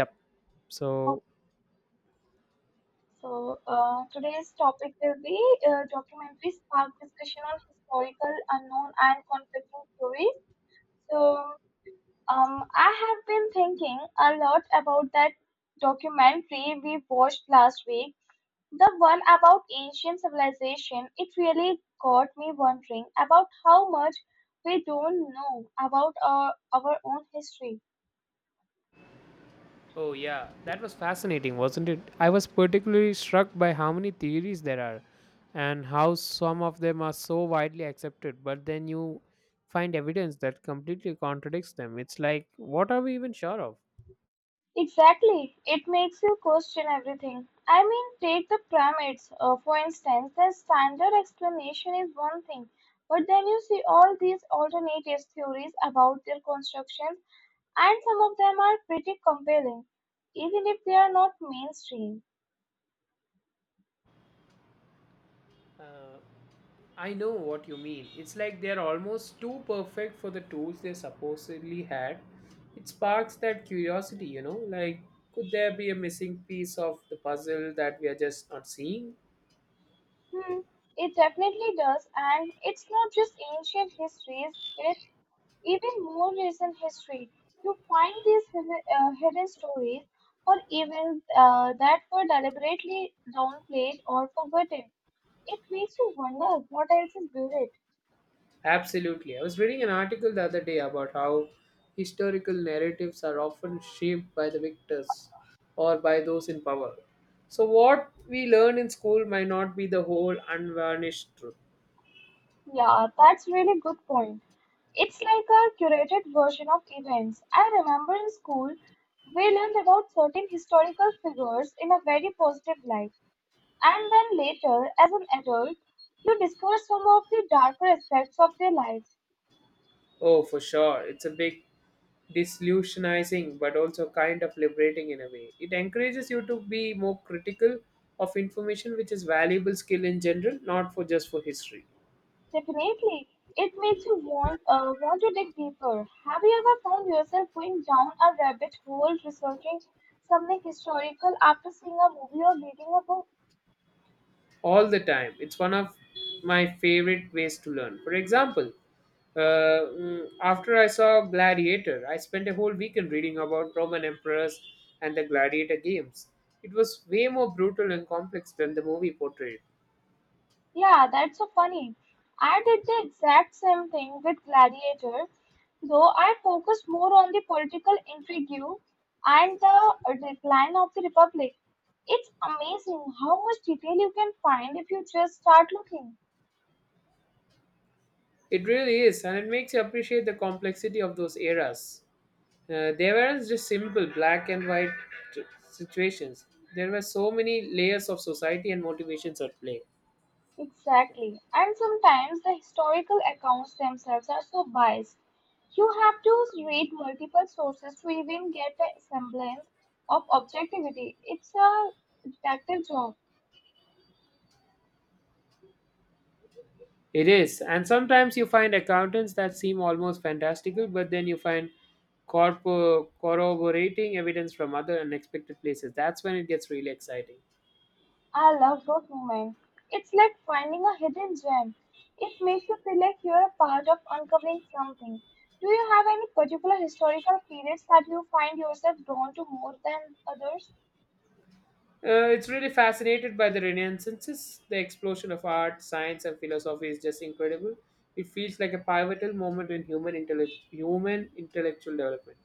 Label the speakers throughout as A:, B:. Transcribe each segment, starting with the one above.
A: Yep. So,
B: Okay, so today's topic will be documentaries spark discussion on historical unknown and conflicting theories. So I have been thinking a lot about that documentary we watched last week, the one about ancient civilization. It really got me wondering about how much we don't know about our own history.
A: oh yeah, that was fascinating, wasn't it? I was particularly struck by how many theories there are, and how some of them are so widely accepted, but then you find evidence that completely contradicts them. It's like, what are we even sure of?
B: Exactly. It makes you question everything. I mean, take the pyramids, for instance. The standard explanation is one thing, but then you see all these alternative theories about their construction, and some of them are pretty compelling, even if they are not mainstream.
A: Uh, I know what you mean. It's like they're almost too perfect for the tools they supposedly had. It sparks that curiosity, you know, like could there be a missing piece of the puzzle that we are just not seeing?
B: Hmm, it definitely does, and it's not just ancient histories, it's even more recent history. You find these hidden stories or even that were deliberately downplayed or forgotten. It makes you wonder what else is buried.
A: Absolutely. I was reading an article the other day about how historical narratives are often shaped by the victors or by those in power. So, what we learn in school might not be the whole unvarnished truth.
B: Yeah, that's really good point. It's like a curated version of events. I remember in school, we learned about certain historical figures in a very positive light. And then later, as an adult, you discover some of the darker aspects of their lives.
A: Oh, for sure. It's a big disillusionizing, but also kind of liberating in a way. It encourages you to be more critical of information, which is valuable skill in general, not for just for history.
B: Definitely, it makes you want to dig deeper. Have you ever found yourself going down a rabbit hole researching something historical after seeing a movie or reading a book?
A: All the time. It's one of my favorite ways to learn. For example, after I saw Gladiator, I spent a whole weekend reading about Roman emperors and the gladiator games. It was way more brutal and complex than the movie portrayed.
B: Yeah, that's so funny. I did the exact same thing with Gladiator, though I focused more on the political intrigue and the decline of the Republic. It's amazing how much detail you can find if you just start looking.
A: It really is, and it makes you appreciate the complexity of those eras. They weren't just simple black and white t- situations. There were so many layers of society and motivations at play.
B: Exactly. And sometimes the historical accounts themselves are so biased. You have to read multiple sources to even get a semblance of objectivity. It's a detective job.
A: It is. And sometimes you find accountants that seem almost fantastical, but then you find corroborating evidence from other unexpected places. That's when it gets really exciting.
B: I love those moments. It's like finding a hidden gem. It makes you feel like you're a part of uncovering something. Do you have any particular historical periods that you find yourself drawn to more than others?
A: It's really fascinated by the Renaissances. The explosion of art, science, and philosophy is just incredible. It feels like a pivotal moment in human intellectual development.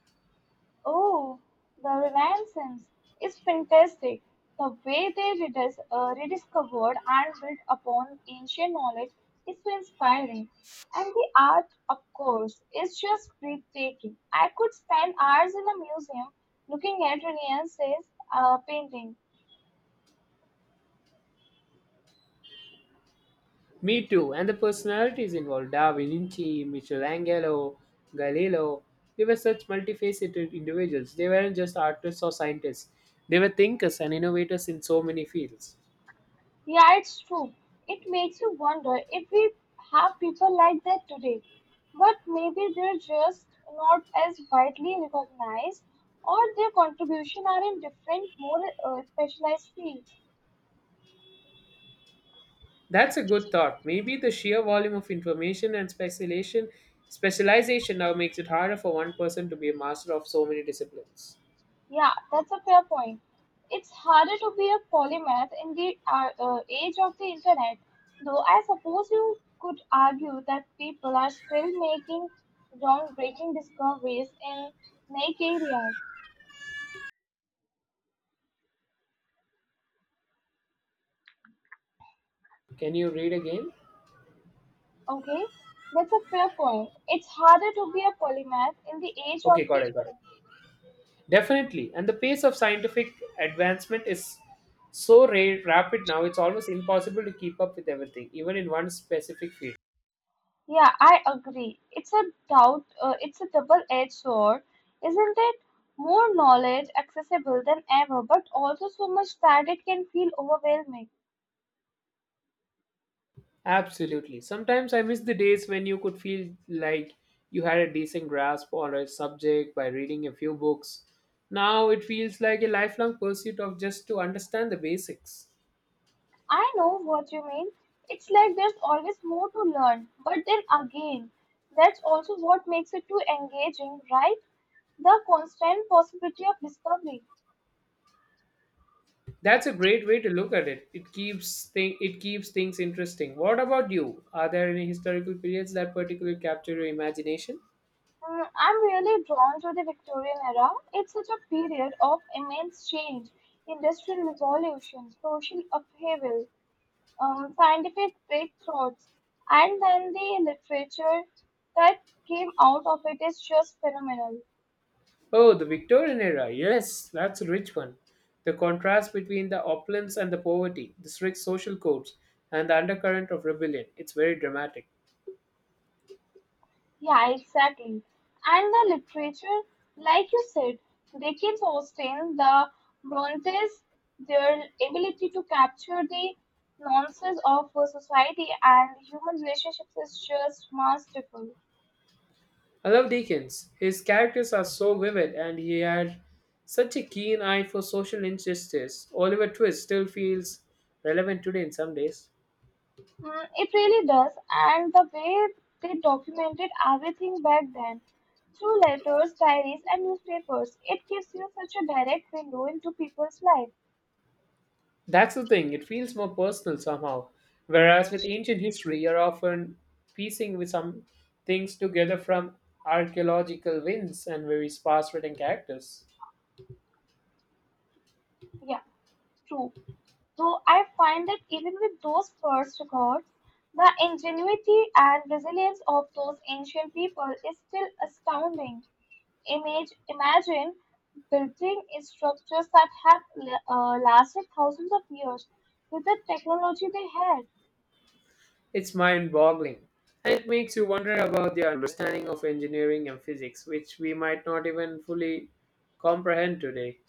B: Oh, the Renaissance is fantastic. The way they rediscovered and built upon ancient knowledge is so inspiring. And the art, of course, is just breathtaking. I could spend hours in a museum looking at Renaissance paintings.
A: Me too. And the personalities involved Da Vinci, Michelangelo, Galileo, they were such multifaceted individuals. They weren't just artists or scientists, they were thinkers and innovators in so many fields.
B: Yeah, it's true. It makes you wonder if we have people like that today. But maybe they're just not as widely recognized or their contribution are in different, more specialized fields.
A: That's a good thought. Maybe the sheer volume of information and specialization now makes it harder for one person to be a master of so many disciplines.
B: Yeah, that's a fair point. It's harder to be a polymath in the age of the internet, though I suppose you could argue that people are still making groundbreaking discoveries in many areas.
A: Can you read again?
B: Okay, that's a fair point. It's harder to be a polymath in the age of
A: Okay,
B: the.
A: got it, got it. Definitely. And the pace of scientific advancement is so rapid now. It's almost impossible to keep up with everything, even in one specific field.
B: Yeah, I agree. It's a it's a double-edged sword, isn't it? More knowledge accessible than ever, but also so much that it can feel overwhelming.
A: Absolutely. Sometimes I miss the days when you could feel like you had a decent grasp on a subject by reading a few books. Now it feels like a lifelong pursuit of just to understand the basics.
B: I know what you mean. It's like there's always more to learn, but then again, that's also what makes it too engaging, right? The constant possibility of discovery.
A: That's a great way to look at it. It keeps thing it keeps things interesting. What about you? Are there any historical periods that particularly capture your imagination?
B: Mm, I'm really drawn to the Victorian era. It's such a period of immense change, industrial revolution, social upheaval, scientific breakthroughs, and then the literature that came out of it is just phenomenal.
A: Oh, the Victorian era. Yes, that's a rich one. The contrast between the opulence and the poverty, the strict social codes, and the undercurrent of rebellion. It's very dramatic.
B: Yeah, exactly. And the literature, like you said, Dickens Austen, the Brontes, their ability to capture the nuances of a society and human relationships is just masterful.
A: I love Dickens. His characters are so vivid, and he had such a keen eye for social injustice. Oliver Twist still feels relevant today in some days.
B: Mm, it really does, and the way they documented everything back then through letters, diaries, and newspapers, it gives you such a direct window into people's life.
A: That's the thing, it feels more personal somehow. Whereas with ancient history, you're often piecing with some things together from archaeological wins and very sparse written characters.
B: Yeah, true. So I find that even with those first records, the ingenuity and resilience of those ancient people is still astounding. Imagine building structures that have lasted thousands of years with the technology they had.
A: It's mind boggling. And it makes you wonder about the understanding of engineering and physics, which we might not even fully comprehend today.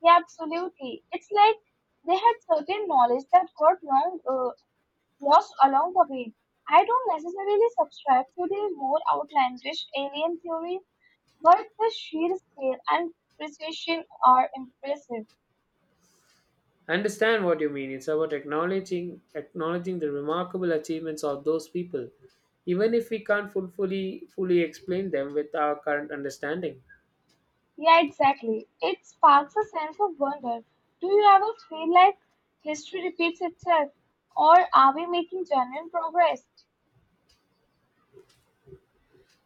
B: Yeah, absolutely. It's like they had certain knowledge that got lost along the way. I don't necessarily subscribe to the more outlandish alien theories. But the sheer scale and precision are impressive.
A: I understand what you mean. It's about acknowledging the remarkable achievements of those people, even if we can't fully explain them with our current understanding.
B: Yeah, exactly. It sparks a sense of wonder. Do you ever feel like history repeats itself, or are we making genuine progress?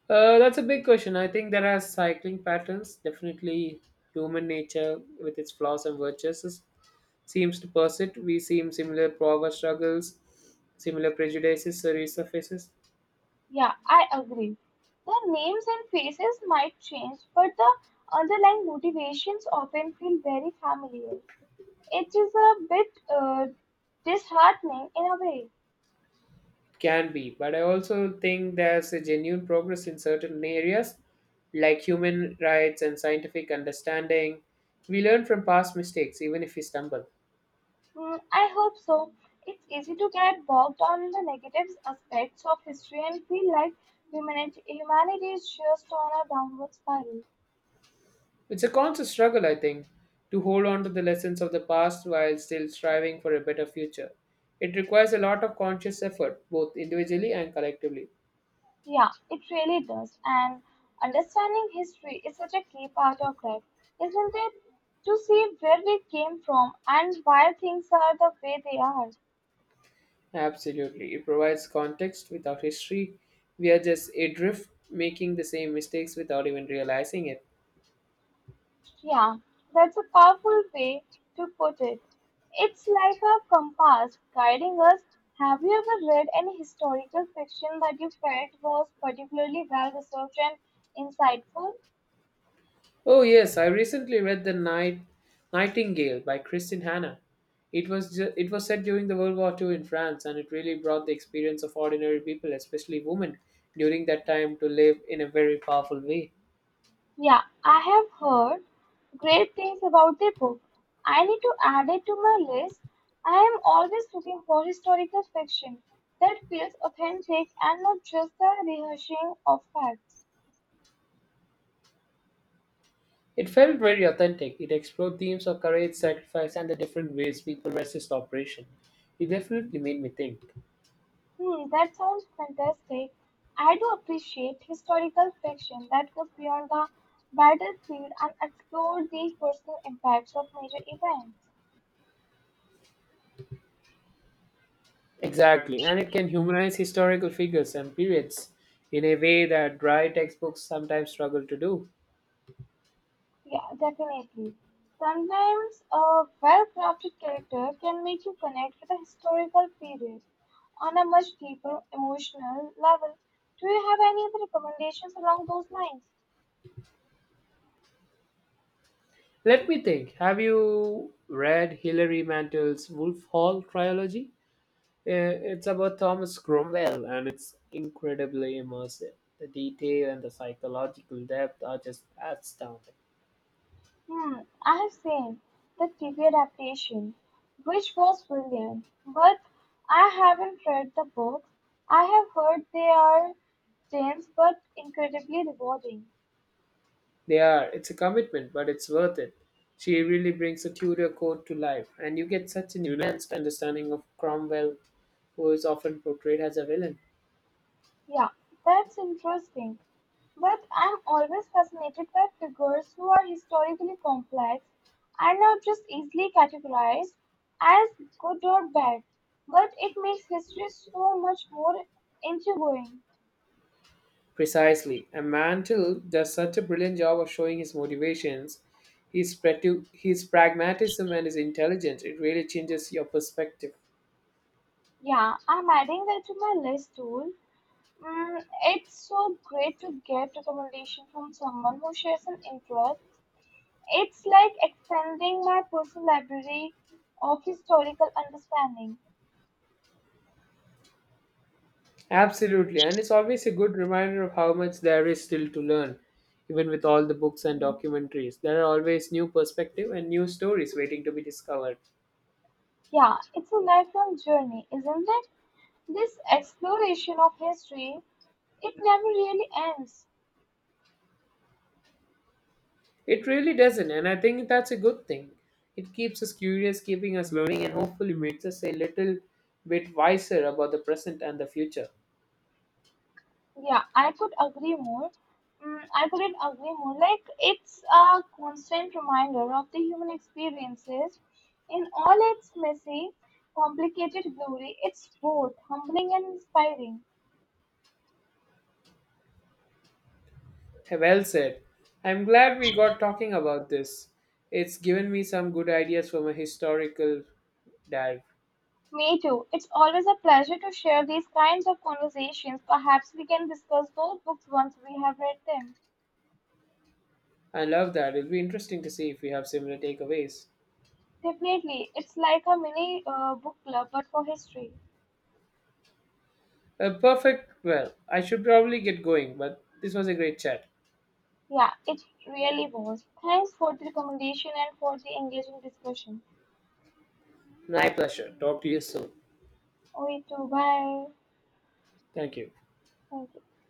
A: That's a big question. I think there are cycling patterns. Definitely, human nature, with its flaws and virtues, seems to persist. We see similar power struggles, similar prejudices resurfaces.
B: Yeah, I agree. The names and faces might change, but the underlying motivations often feel very familiar. It is a bit disheartening in a way.
A: Can be, but I also think there's a genuine progress in certain areas, like human rights and scientific understanding. We learn from past mistakes, even if we stumble.
B: Hmm, I hope so. It's easy to get bogged on in the negative aspects of history and feel like humanity is just on a downward spiral.
A: It's a conscious struggle, I think, to hold on to the lessons of the past while still striving for a better future. It requires a lot of conscious effort, both individually and collectively.
B: Yeah, it really does. And understanding history is such a key part of that, isn't it? To see where we came from and why things are the way they are.
A: Absolutely. It provides context without history. We are just adrift, making the same mistakes without even realizing it.
B: Yeah, that's a powerful way to put it. It's like a compass guiding us. Have you ever read any historical fiction that you felt was particularly well researched and insightful?
A: Oh yes, I recently read The Nightingale by Christine Hanna. It was set during the World War II in France, and it really brought the experience of ordinary people, especially women, during that time to live in a very powerful way.
B: Yeah, I have heard great things about the book. I need to add it to my list. I am always looking for historical fiction that feels authentic and not just the rehashing of facts.
A: It felt very authentic. It explored themes of courage, sacrifice and the different ways people resist oppression. It definitely made me think.
B: Hmm, that sounds fantastic. I do appreciate historical fiction that goes beyond the battlefield and explores the personal impacts of major events.
A: Exactly, and it can humanize historical figures and periods in a way that dry textbooks sometimes struggle to do.
B: Yeah, definitely. Sometimes a well-crafted character can make you connect with a historical period on a much deeper emotional level. Do you have any other recommendations along those lines?
A: Let me think. Have you read Hilary Mantel's Wolf Hall trilogy? It's about Thomas Cromwell, and it's incredibly immersive. The detail and the psychological depth are just astounding.
B: Hmm, I have seen the TV adaptation, which was brilliant, but I haven't read the books. I have heard they are dense but incredibly rewarding.
A: They are. It's a commitment, but it's worth it. She really brings a Tudor court to life, and you get such a nuanced understanding of Cromwell, who is often portrayed as a villain.
B: Yeah, that's interesting. But I'm always fascinated by figures who are historically complex and are just easily categorized as good or bad. But it makes history so much more intriguing.
A: Precisely. And Mantle does such a brilliant job of showing his motivations, his pragmatism, and his intelligence. It really changes your perspective.
B: Yeah, I'm adding that to my list tool. Mm, it's so great to get recommendation from someone who shares an interest. It's like extending my personal library of historical understanding.
A: Absolutely. And it's always a good reminder of how much there is still to learn, even with all the books and documentaries. There are always new perspective and new stories waiting to be discovered.
B: Yeah, it's a lifelong journey, isn't it? This exploration of history, it never really ends.
A: It really doesn't, and I think that's a good thing. It keeps us curious, keeping us learning, and hopefully makes us a little bit wiser about the present and the future.
B: Yeah, I could agree more. Mm, I couldn't agree more. Like, it's a constant reminder of the human experiences in all its messy, complicated glory. It's both humbling and inspiring.
A: Well said. I'm glad we got talking about this. It's given me some good ideas from a historical dive.
B: Me too. It's always a pleasure to share these kinds of conversations. Perhaps we can discuss those books once we have read them.
A: I love that. It'll be interesting to see if we have similar takeaways.
B: Definitely. It's like a mini book club, but for history.
A: A perfect. Well, I should probably get going, but this was a great chat.
B: Yeah, it really was. Thanks for the recommendation and for the engaging discussion.
A: My pleasure. Talk to you soon.
B: We too. Bye.
A: Thank you.
B: Thank you.